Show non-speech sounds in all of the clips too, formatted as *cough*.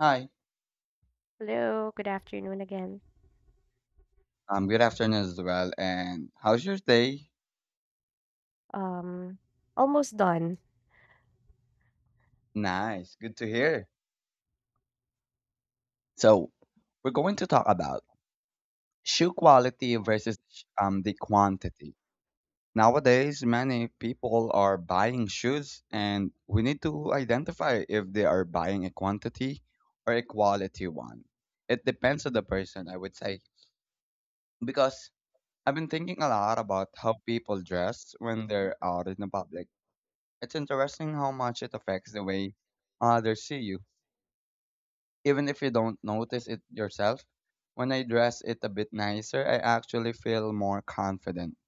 Hi. Hello, good afternoon again. Good afternoon as well. And how's your day? Um, Almost done. Nice. Good to hear. So, we're going to talk about shoe quality versus the quantity. Nowadays, many people are buying shoes, and we need to identify if they are buying a quantity or a quality one. It depends on the person, I would say, because I've been thinking a lot about how people dress when they're out in the public. It's interesting how much it affects the way others see you, even if you don't notice it yourself. When I dress it a bit nicer, I actually feel more confident,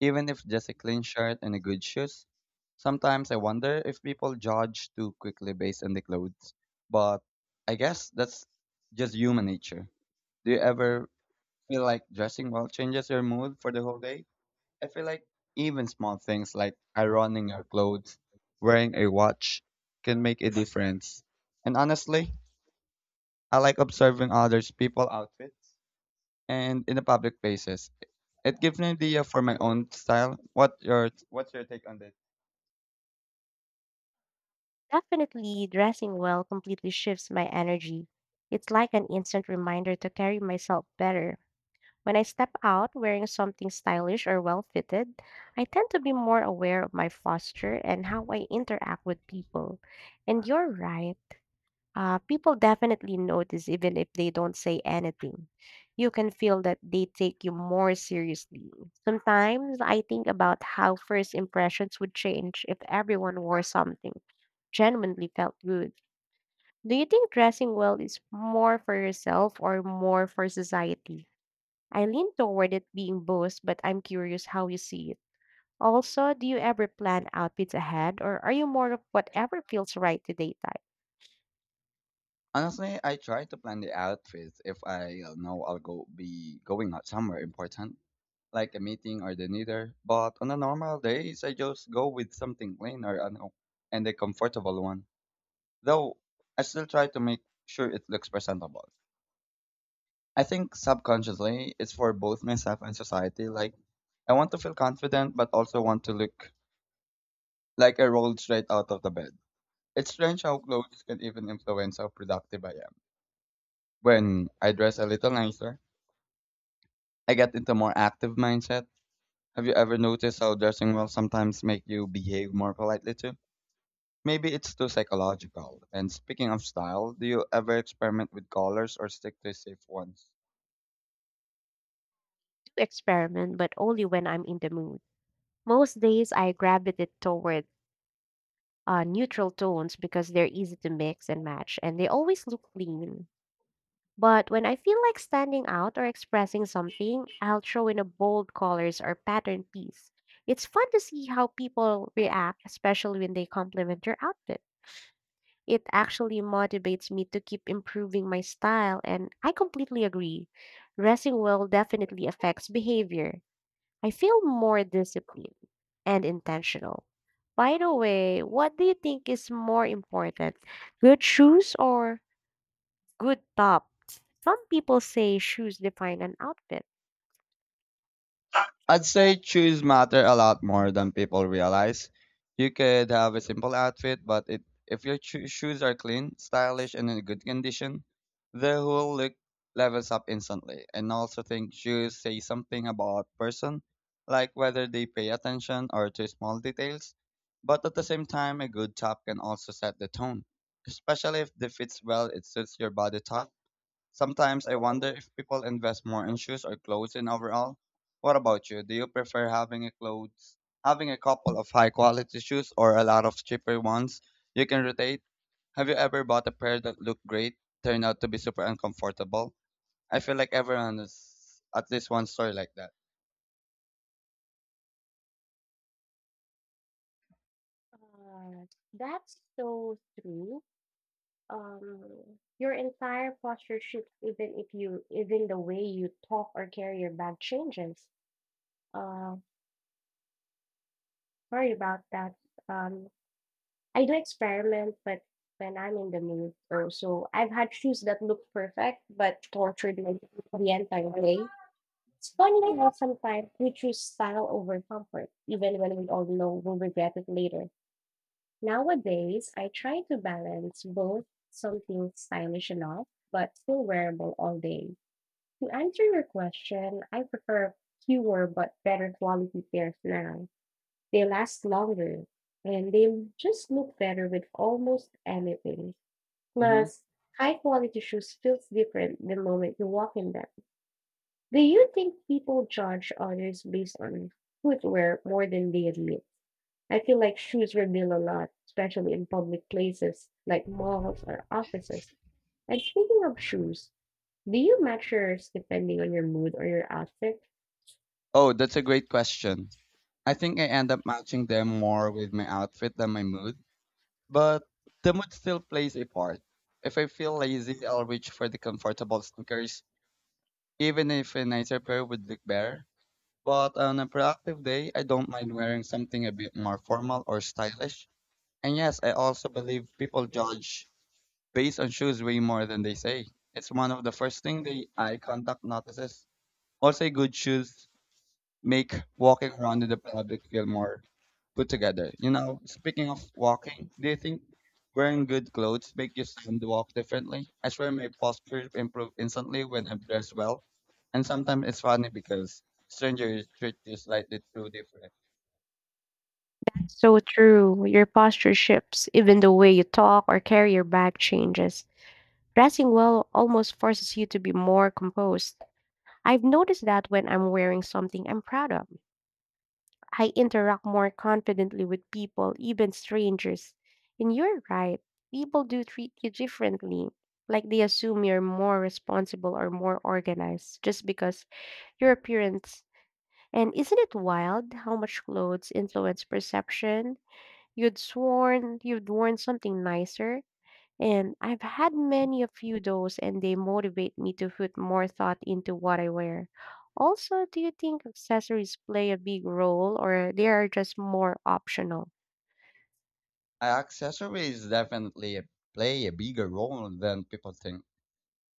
even if just a clean shirt and a good shoes. Sometimes I wonder if people judge too quickly based on the clothes, but I guess that's just human nature. Do you ever feel like dressing well changes your mood for the whole day? I feel like even small things like ironing your clothes, wearing a watch, can make a difference. And honestly, I like observing others' people outfits and in the public places. It gives me an idea for my own style. What's your take on this? Definitely dressing well completely shifts my energy. It's like an instant reminder to carry myself better. When I step out wearing something stylish or well fitted, I tend to be more aware of my posture and how I interact with people. And you're right. People definitely notice even if they don't say anything. You can feel that they take you more seriously. Sometimes I think about how first impressions would change if everyone wore something genuinely felt good. Do you think dressing well is more for yourself or more for society? I lean toward it being both, but I'm curious how you see it. Also, do you ever plan outfits ahead or are you more of whatever feels right today type? Honestly, I try to plan the outfits if I know I'll go be going out somewhere important, like a meeting or the dinner. But on the normal days, I just go with something plain or and a comfortable one, though I still try to make sure it looks presentable. I think subconsciously it's for both myself and society. Like I want to feel confident but also want to look like I rolled straight out of the bed. It's strange how clothes can even influence how productive I am. When I dress a little nicer, I get into more active mindset. Have you ever noticed how dressing well sometimes make you behave more politely too? Maybe it's too psychological. And speaking of style, do you ever experiment with colors or stick to safe ones? To experiment, but only when I'm in the mood. Most days, I gravitate toward neutral tones because they're easy to mix and match, and they always look clean. But when I feel like standing out or expressing something, I'll throw in a bold colors or pattern piece. It's fun to see how people react, especially when they compliment your outfit. It actually motivates me to keep improving my style, and I completely agree. Dressing well definitely affects behavior. I feel more disciplined and intentional. By the way, what do you think is more important, good shoes or good tops? Some people say shoes define an outfit. I'd say shoes matter a lot more than people realize. You could have a simple outfit, but it, if your shoes are clean, stylish, and in good condition, the whole look levels up instantly. And I also think shoes say something about person, like whether they pay attention or to small details. But at the same time, a good top can also set the tone, especially if it fits well, it suits your body type. Sometimes I wonder if people invest more in shoes or clothes in overall. What about you? Do you prefer having a clothes, having a couple of high quality shoes or a lot of cheaper ones you can rotate? Have you ever bought a pair that looked great, turned out to be super uncomfortable? I feel like everyone is at least one story like that. Uh, that's so true. Um, your entire posture shifts, even if even the way you talk or carry your bag changes. Uh, Sorry about that. Um, I do experiment, but when I'm in the mood, or so I've had shoes that look perfect but tortured me the entire way. It's funny how sometimes we choose style over comfort, even when we all know we'll regret it later. Nowadays, I try to balance both something stylish enough but still wearable all day. To answer your question, I prefer fewer but better quality pairs now. They last longer and they just look better with almost anything. Hmm. Plus, high quality shoes feels different the moment you walk in them. Do you think people judge others based on footwear more than they admit? I feel like shoes reveal a lot, especially in public places like malls or offices. And speaking of shoes, do you match yours depending on your mood or your outfit? Oh, that's a great question. I think I end up matching them more with my outfit than my mood. But the mood still plays a part. If I feel lazy, I'll reach for the comfortable sneakers, even if a nicer pair would look better. But on a productive day, I don't mind wearing something a bit more formal or stylish. And yes, I also believe people judge based on shoes way more than they say. It's one of the first thing the eye contact notices. Also, good shoes make walking around in the public feel more put together. You know, speaking of walking, do you think wearing good clothes make you stand to walk differently? I swear my posture improved instantly when I'm dressed well. And sometimes it's funny because strangers treat you slightly too different. So true. Your posture shifts, even the way you talk or carry your bag changes. Dressing well almost forces you to be more composed. I've noticed that when I'm wearing something I'm proud of, I interact more confidently with people, even strangers. And you're right, people do treat you differently. Like they assume you're more responsible or more organized just because your appearance. And isn't it wild how much clothes influence perception? You'd sworn you'd worn something nicer. And I've had many of few those and they motivate me to put more thought into what I wear. Also, do you think accessories play a big role or they are just more optional? Accessories definitely play a bigger role than people think.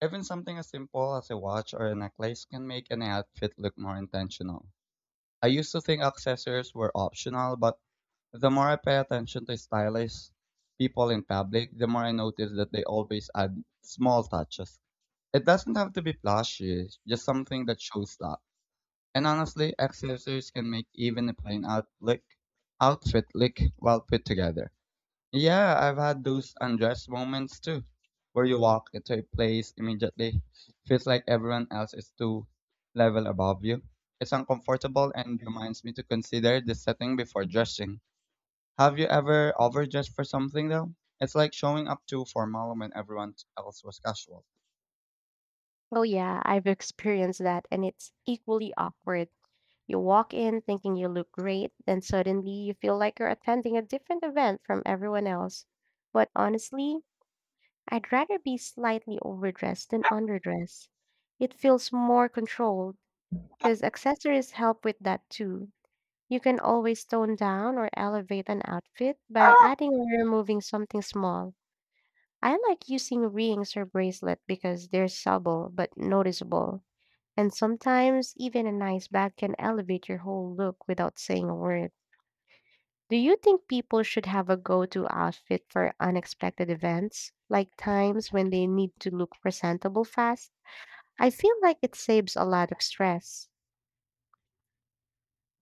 Even something as simple as a watch or a necklace can make an outfit look more intentional. I used to think accessories were optional, but the more I pay attention to stylish people in public, the more I notice that they always add small touches. It doesn't have to be flashy, just something that shows up. And honestly, accessories can make even a outfit look well put together. Yeah, I've had those undressed moments too, where you walk into a place immediately, feels like everyone else is two level above you. It's uncomfortable and reminds me to consider the setting before dressing. Have you ever overdressed for something though? It's like showing up too formal when everyone else was casual. Oh yeah, I've experienced that and it's equally awkward. You walk in thinking you look great, then suddenly you feel like you're attending a different event from everyone else. But honestly, I'd rather be slightly overdressed than underdressed. It feels more controlled because accessories help with that too. You can always tone down or elevate an outfit by adding or removing something small. I like using rings or bracelet because they're subtle but noticeable. And sometimes even a nice bag can elevate your whole look without saying a word. Do you think people should have a go to outfit for unexpected events, like times when they need to look presentable fast? I feel like it saves a lot of stress.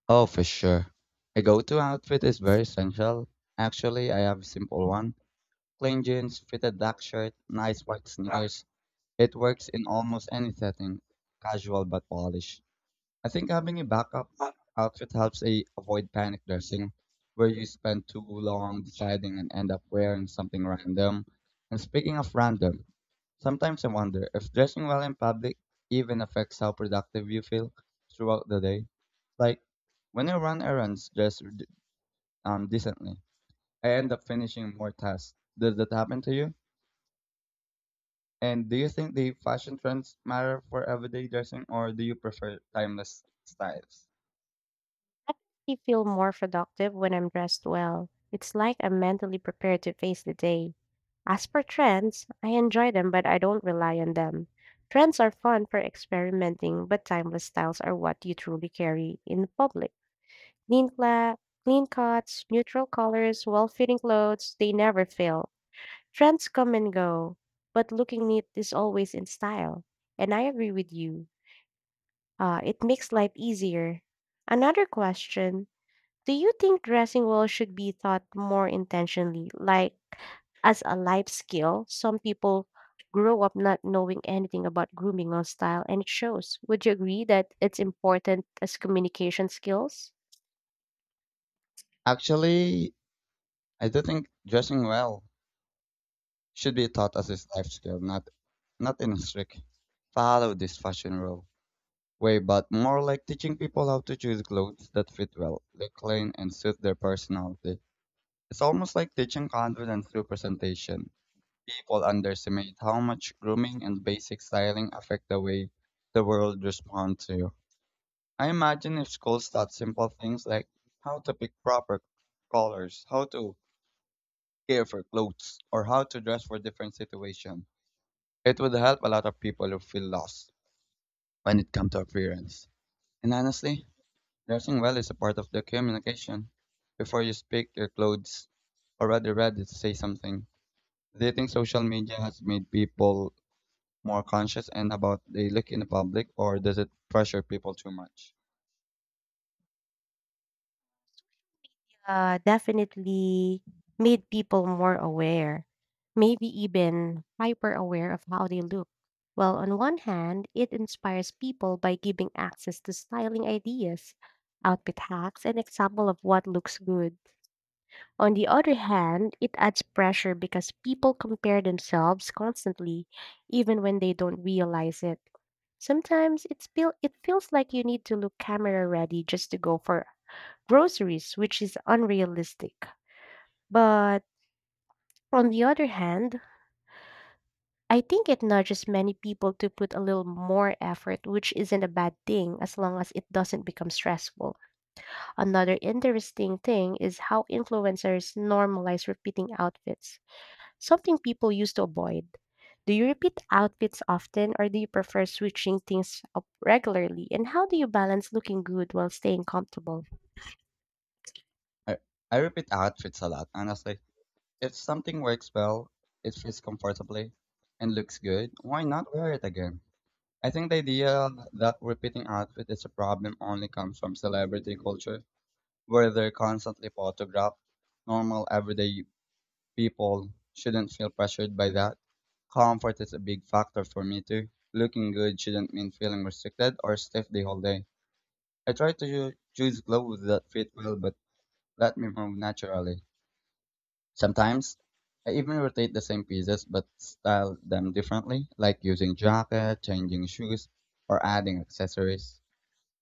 Oh, for sure. A go-to outfit is very essential. Actually, I have a simple one. Plain jeans, fitted black shirt, nice white sneakers. It works in almost any setting, casual but polished. I think having a backup outfit helps a avoid panic dressing, where you spend too long deciding and end up wearing something random. And speaking of random, sometimes I wonder if dressing well in public even affects how productive you feel throughout the day. Like when I run errands dressed decently, I end up finishing more tasks. Does that happen to you? And do you think the fashion trends matter for everyday dressing or do you prefer timeless styles? I actually feel more productive when I'm dressed well. It's like I'm mentally prepared to face the day. As for trends, I enjoy them, but I don't rely on them. Trends are fun for experimenting, but timeless styles are what you truly carry in public. Clean, cla- Clean cuts, neutral colors, well fitting clothes, they never fail. Trends come and go, but looking neat is always in style. And I agree with you. It makes life easier. Another question. Do you think dressing well should be taught more intentionally, like as a life skill? Some people grow up not knowing anything about grooming or style, and it shows. Would you agree that it's important as communication skills? Actually, I do think dressing well should be taught as a life skill, not in a strict follow this fashion rule way, but more like teaching people how to choose clothes that fit well, look clean, and suit their personality. It's almost like teaching confidence through presentation. People underestimate how much grooming and basic styling affect the way the world responds to you. I imagine if schools taught simple things like how to pick proper colors, how to care for clothes, or how to dress for different situations, it would help a lot of people who feel lost when it comes to appearance. And honestly, dressing well is a part of the communication. Before you speak, your clothes already ready to say something. Do you think social media has made people more conscious and about they look in the public, or does it pressure people too much? Definitely made people more aware, maybe even hyper aware of how they look. Well, on one hand, it inspires people by giving access to styling ideas, outfit hacks, and example of what looks good. On the other hand, it adds pressure because people compare themselves constantly, even when they don't realize it. Sometimes it feels like you need to look camera ready just to go for groceries, which is unrealistic. But on the other hand, I think it nudges many people to put a little more effort, which isn't a bad thing as long as it doesn't become stressful. Another interesting thing is how influencers normalize repeating outfits. Something people used to avoid. Do you repeat outfits often or do you prefer switching things up regularly? And how do you balance looking good while staying comfortable? I, I repeat outfits a lot, honestly. If something works well, it fits comfortably, and looks good, why not wear it again? I think the idea that repeating outfit is a problem only comes from celebrity culture, where they're constantly photographed. Normal, everyday people shouldn't feel pressured by that. Comfort is a big factor for me too. Looking good shouldn't mean feeling restricted or stiff the whole day. I try to choose clothes that fit well but let me move naturally. Sometimes I even rotate the same pieces but style them differently, like using jacket, changing shoes, or adding accessories.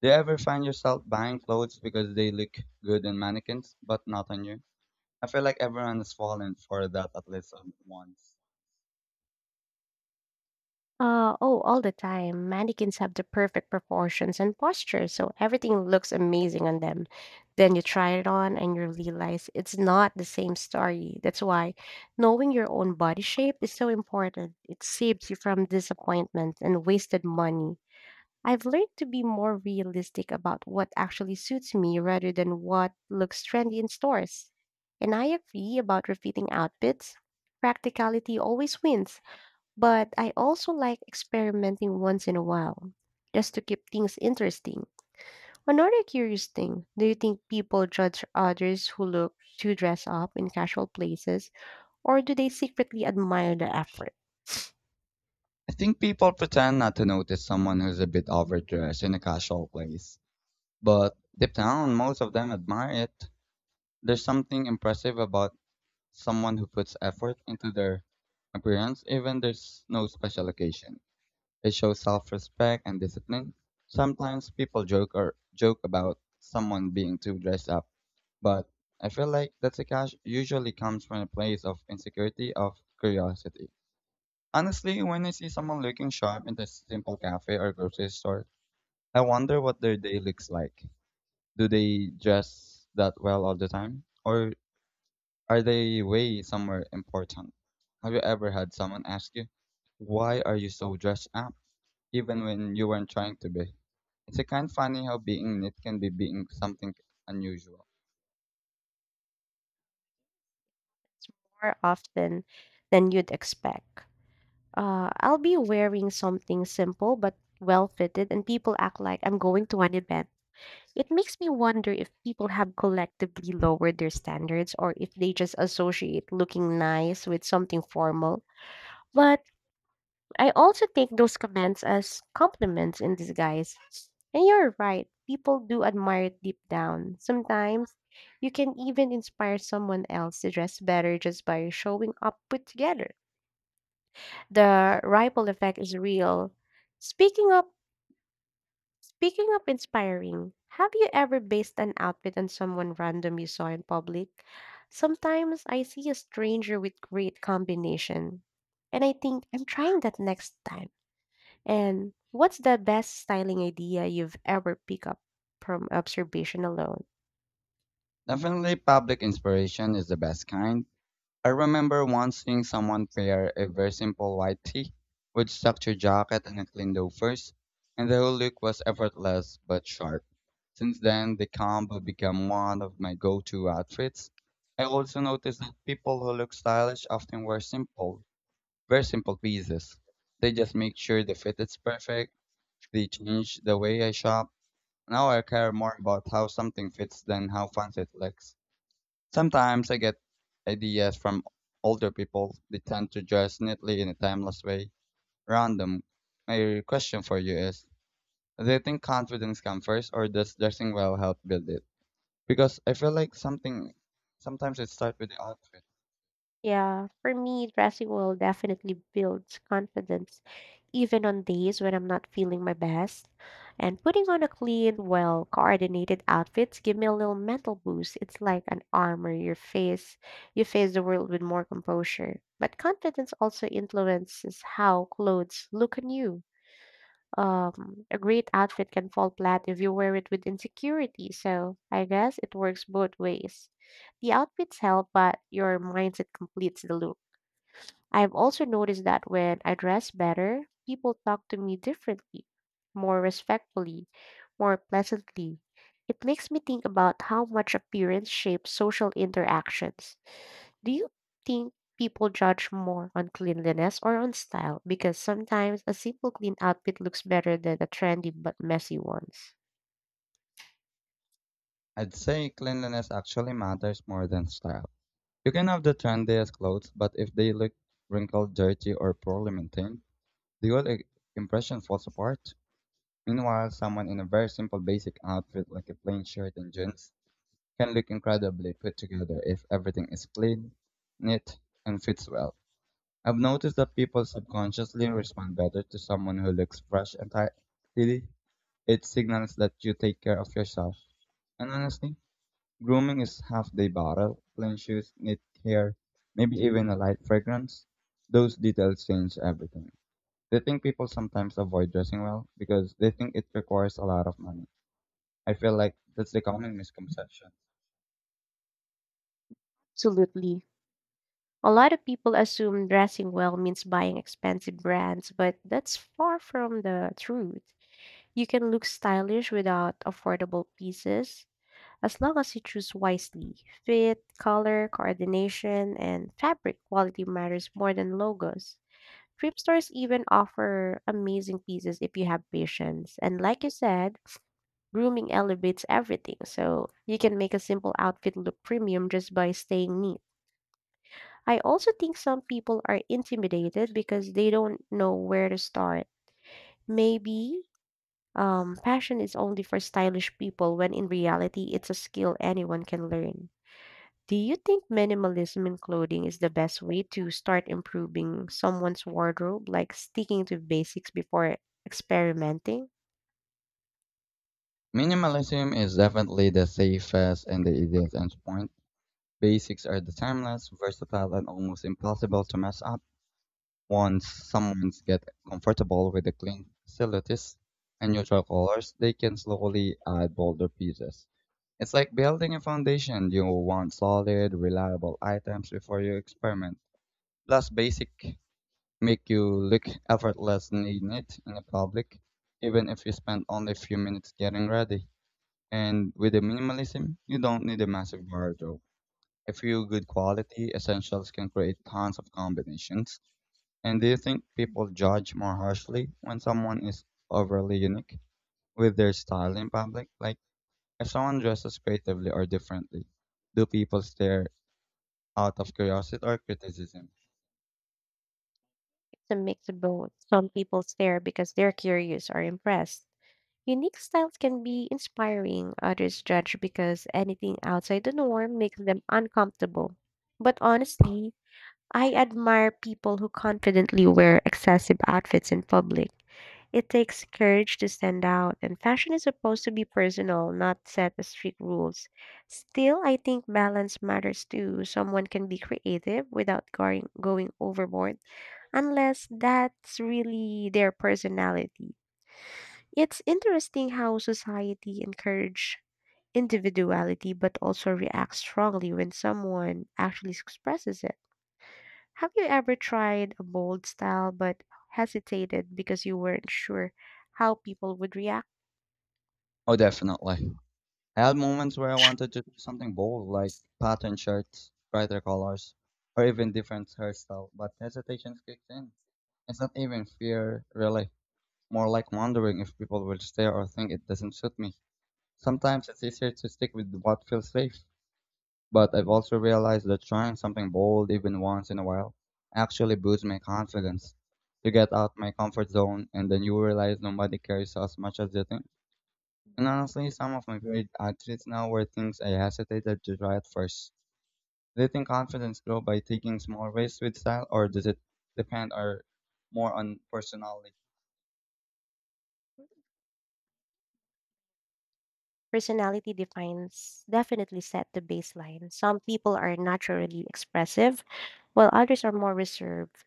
Do you ever find yourself buying clothes because they look good in mannequins but not on you? I feel like everyone has fallen for that at least once. Oh, all the time. Mannequins have the perfect proportions and posture, so everything looks amazing on them. Then you try it on and you realize it's not the same story. That's why knowing your own body shape is so important. It saves you from disappointment and wasted money. I've learned to be more realistic about what actually suits me rather than what looks trendy in stores. And I agree about repeating outfits. Practicality always wins, but I also like experimenting once in a while, just to keep things interesting. Another curious thing, do you think people judge others who look too dressed up in casual places, or do they secretly admire the effort I think people pretend not to notice someone who's a bit overdressed in a casual place, but deep down, most of them admire it. There's something impressive about someone who puts effort into their appearance even there's no special occasion. It shows self-respect and discipline. Sometimes people joke about someone being too dressed up, but I feel like that's a cash usually comes from a place of insecurity of curiosity. Honestly, when I see someone looking sharp in a simple cafe or grocery store, I wonder what their day looks like. Do they dress that well all the time? Or are they way somewhere important? Have you ever had someone ask you, why are you so dressed up, even when you weren't trying to be? It's a kind of funny how being knit can be being something unusual. more often than you'd expect? I'll be wearing something simple but well fitted, and people act like I'm going to an event. It makes me wonder if people have collectively lowered their standards or if they just associate looking nice with something formal. But I also take those comments as compliments in disguise. And you're right, people do admire it deep down. Sometimes you can even inspire someone else to dress better just by showing up put together. The ripple effect is real. Speaking up, speaking up inspiring. Have you ever based an outfit on someone random you saw in public? Sometimes I see a stranger with great combination and I think I'm trying that next time. And what's the best styling idea you've ever picked up from observation alone? Definitely public inspiration is the best kind. I remember once seeing someone pair a very simple white tee with structured jacket and a clean loafers, and the whole look was effortless but sharp. Since then, the combo became one of my go-to outfits. I also noticed that people who look stylish often wear simple, very simple pieces. They just make sure the fit is perfect. They change the way I shop. Now I care more about how something fits than how fancy it looks. Sometimes I get ideas from older people. They tend to dress neatly in a timeless way. Random. My question for you is, do you think confidence comes first or does dressing well help build it? Because I feel like something sometimes it starts with the outfit. Yeah, for me, dressing will definitely builds confidence even on days when I'm not feeling my best. And putting on a clean, well coordinated outfits give me a little mental boost. It's like an armor your face you face the world with more composure. But confidence also influences how clothes look on you. A great outfit can fall flat if you wear it with insecurity, so I guess it works both ways. The outfits help, but your mindset completes the look. I've also noticed that when I dress better, people talk to me differently, more respectfully, more pleasantly. It makes me think about how much appearance shapes social interactions. Do you think people judge more on cleanliness or on style? Because sometimes a simple clean outfit looks better than a trendy but messy ones. I'd say cleanliness actually matters more than style. You can have the trendiest clothes, but if they look wrinkled, dirty, or poorly maintained, the whole impression falls apart. Meanwhile, someone in a very simple basic outfit like a plain shirt and jeans can look incredibly put together if everything is clean, neat, and fits well. I've noticed that people subconsciously respond better to someone who looks fresh and tidy. It signals that you take care of yourself. And honestly, grooming is half the battle. Plain shoes, neat hair, maybe even a light fragrance. Those details change everything. Do you think people sometimes avoid dressing well because they think it requires a lot of money? I feel like that's the common misconception. Absolutely. A lot of people assume dressing well means buying expensive brands, but that's far from the truth. You can look stylish without affordable pieces as long as you choose wisely. Fit, color, coordination, and fabric quality matters more than logos. Thrift stores even offer amazing pieces if you have patience. And like you said, grooming elevates everything, so you can make a simple outfit look premium just by staying neat. I also think some people are intimidated because they don't know where to start. Maybe passion is only for stylish people when in reality it's a skill anyone can learn. Do you think minimalism in clothing is the best way to start improving someone's wardrobe, like sticking to basics before experimenting? Minimalism is definitely the safest and the easiest endpoint. Basics are the timeless, versatile, and almost impossible to mess up. Once someone's get comfortable with the clean silhouettes and neutral colors, they can slowly add bolder pieces. It's like building a foundation. You want solid, reliable items before you experiment. Plus, basic make you look effortlessly neat in the public, even if you spend only a few minutes getting ready. And with the minimalism, you don't need a massive wardrobe. A few good quality essentials can create tons of combinations. And do you think people judge more harshly when someone is overly unique with their style in public? Like, if someone dresses creatively or differently, do people stare out of curiosity or criticism? It's a mix of both. Some people stare because they're curious or impressed. Unique styles can be inspiring, others judge because anything outside the norm makes them uncomfortable. But honestly, I admire people who confidently wear excessive outfits in public. It takes courage to stand out, and fashion is supposed to be personal, not set as strict rules. Still, I think balance matters too. Someone can be creative without going overboard, unless that's really their personality. It's interesting how society encourages individuality but also reacts strongly when someone actually expresses it. Have you ever tried a bold style but hesitated because you weren't sure how people would react? Oh, definitely. I had moments where I wanted to do something bold, like patterned shirts, brighter colors, or even different hairstyle, but hesitation kicks in. It's not even fear, really. More like wondering if people will stare or think it doesn't suit me. Sometimes it's easier to stick with what feels safe. But I've also realized that trying something bold even once in a while actually boosts my confidence. You get out my comfort zone and then you realize nobody cares as much as you think. And honestly, some of my favorite outfits now were things I hesitated to try at first. Do you think confidence grows by taking small risks with style or does it depend or more on personality? Personality defines definitely set the baseline. Some people are naturally expressive, while others are more reserved.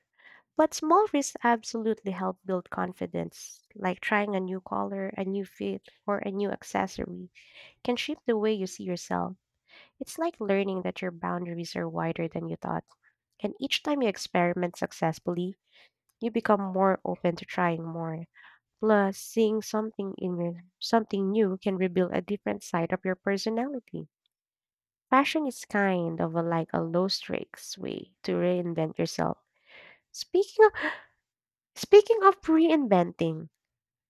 But small risks absolutely help build confidence, like trying a new color, a new fit, or a new accessory can shape the way you see yourself. It's like learning that your boundaries are wider than you thought. And each time you experiment successfully, you become more open to trying more. Plus, seeing something in something new can reveal a different side of your personality. Fashion is kind of like a low stakes way to reinvent yourself. Speaking of, speaking of reinventing,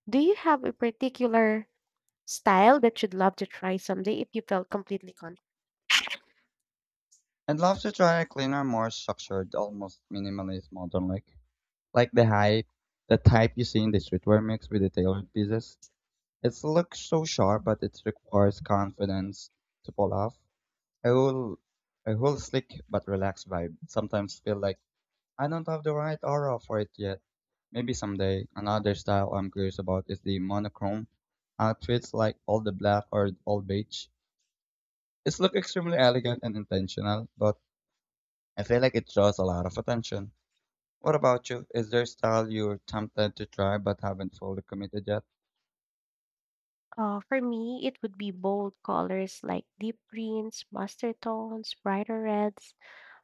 do you have a particular style that you'd love to try someday if you felt completely confident? I'd love to try a cleaner, more structured, almost minimalist modern look, like the hype, the type you see in the streetwear mix with the tailored pieces. It looks so sharp, but it requires confidence to pull off. A whole, a whole slick but relaxed vibe. Sometimes feel like I don't have the right aura for it yet. Maybe someday. Another style I'm curious about is the monochrome outfits, like all the black or all beige. It's look extremely elegant and intentional, but I feel like it draws a lot of attention. What about you? Is there style you're tempted to try but haven't fully committed yet? For me, it would be bold colors like deep greens, mustard tones, brighter reds.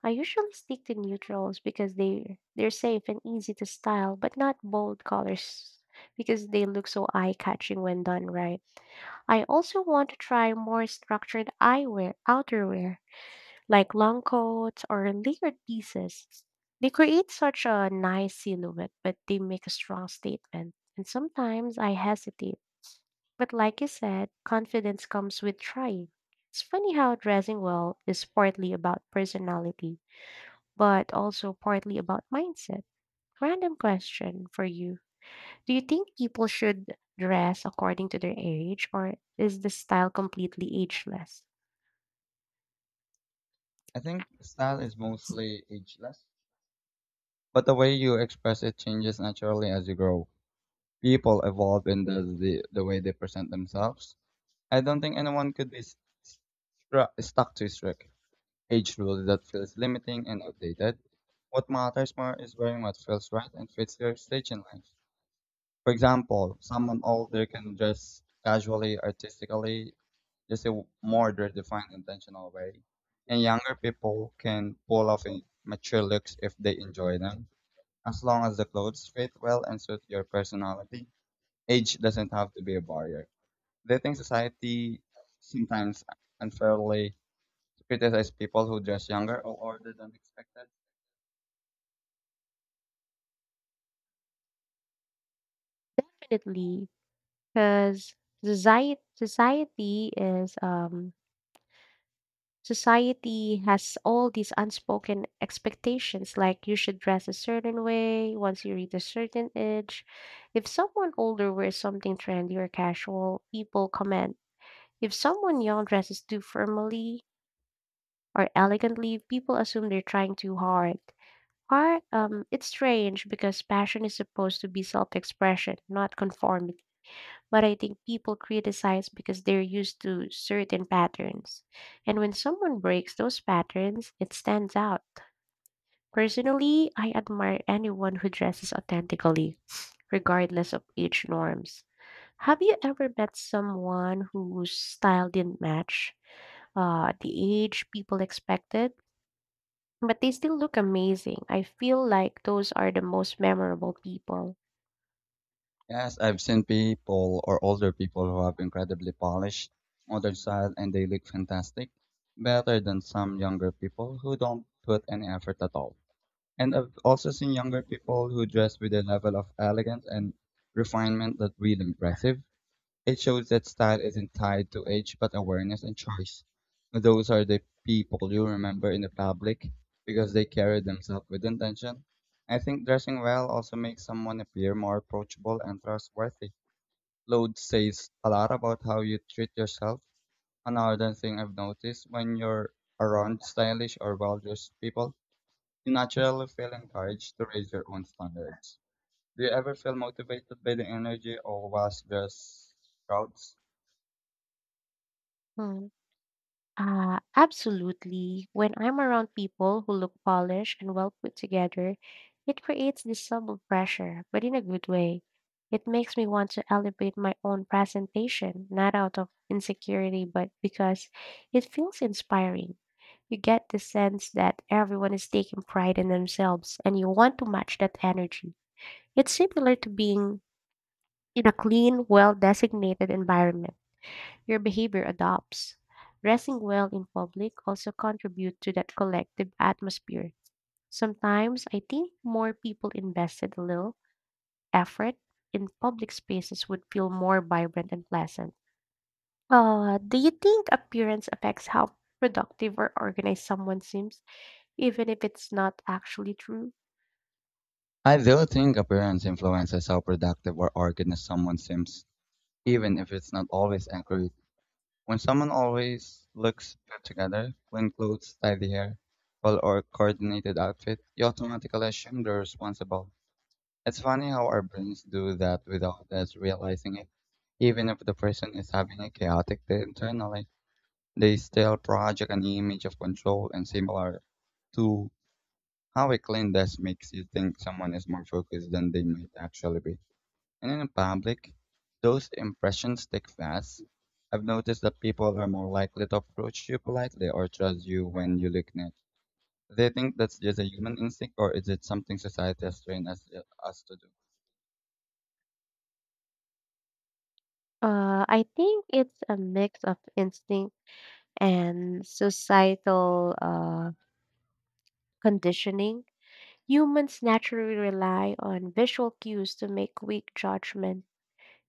I usually stick to neutrals because they're safe and easy to style, but not bold colors because they look so eye-catching when done right. I also want to try more structured eyewear, outerwear, like long coats or layered pieces. They create such a nice silhouette, but they make a strong statement. And sometimes I hesitate. But like you said, confidence comes with trying. It's funny how dressing well is partly about personality but also partly about mindset. Random question for you. Do you think people should dress according to their age, or is the style completely ageless? I think style is mostly ageless, but the way you express it changes naturally as you grow. People evolve in the way they present themselves. I don't think anyone could be stuck to a strict age rule that feels limiting and outdated. What matters more is wearing what feels right and fits your stage in life. For example, someone older can dress casually, artistically, just a more their defined intentional way. And younger people can pull off mature looks if they enjoy them. As long as the clothes fit well and suit your personality, age doesn't have to be a barrier. They think society sometimes unfairly criticizes people who dress younger or older than expected. Definitely, because society society is um society has all these unspoken expectations. Like you should dress a certain way once you reach a certain age. If someone older wears something trendy or casual, people comment. If someone young dresses too formally or elegantly, people assume they're trying too hard. It's strange because passion is supposed to be self-expression, not conformity. But I think people criticize because they're used to certain patterns. And when someone breaks those patterns, it stands out. Personally, I admire anyone who dresses authentically, regardless of age norms. Have you ever met someone whose style didn't match the age people expected, but they still look amazing? I feel like those are the most memorable people. Yes, I've seen people or older people who have incredibly polished modern style and they look fantastic, better than some younger people who don't put any effort at all. And I've also seen younger people who dress with a level of elegance and refinement that really impressive. It shows that style isn't tied to age, but awareness and choice. Those are the people you remember in the public because they carry themselves with intention. I think dressing well also makes someone appear more approachable and trustworthy. Clothes says a lot about how you treat yourself. Another thing I've noticed when you're around stylish or well dressed people, you naturally feel encouraged to raise your own standards. Do you ever feel motivated by the energy of well dressed crowds? Mm. Absolutely. When I'm around people who look polished and well put together, it creates this subtle pressure, but in a good way. It makes me want to elevate my own presentation, not out of insecurity, but because it feels inspiring. You get the sense that everyone is taking pride in themselves and you want to match that energy. It's similar to being in a clean, well designated environment, your behavior adopts. Dressing well in public also contributes to that collective atmosphere. Sometimes I think more people invested a little effort in public spaces would feel more vibrant and pleasant. Do you think appearance affects how productive or organized someone seems, even if it's not actually true? I do think appearance influences how productive or organized someone seems, even if it's not always accurate. When someone always looks put together, clean clothes, tidy hair, well or coordinated outfit, you automatically assume they're responsible. It's funny how our brains do that without us realizing it. Even if the person is having a chaotic day internally, they still project an image of control and similar to how a clean desk makes you think someone is more focused than they might actually be. And in public, those impressions stick fast. I've noticed that people are more likely to approach you politely or trust you when you look neat. Do you think that's just a human instinct, or is it something society has trained us to do? I think it's a mix of instinct and societal conditioning. Humans naturally rely on visual cues to make quick judgment.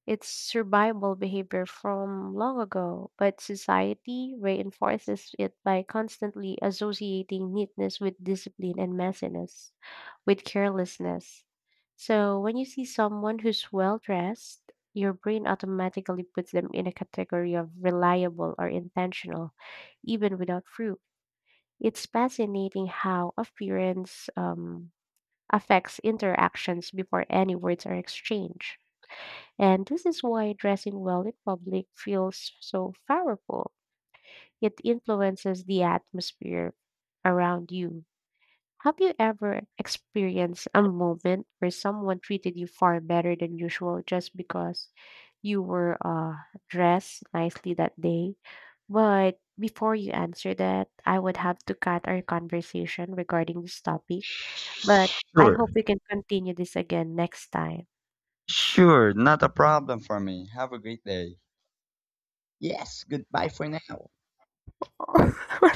It's survival behavior from long ago, but society reinforces it by constantly associating neatness with discipline and messiness with carelessness. So when you see someone who's well dressed, your brain automatically puts them in a category of reliable or intentional, even without proof. It's fascinating how appearance affects interactions before any words are exchanged. And this is why dressing well in public feels so powerful. It influences the atmosphere around you. Have you ever experienced a moment where someone treated you far better than usual just because you were dressed nicely that day? But before you answer that, I would have to cut our conversation regarding this topic. But I Sure, hope we can continue this again next time. sure, not a problem for me. Have a great day. Yes, goodbye for now. *laughs*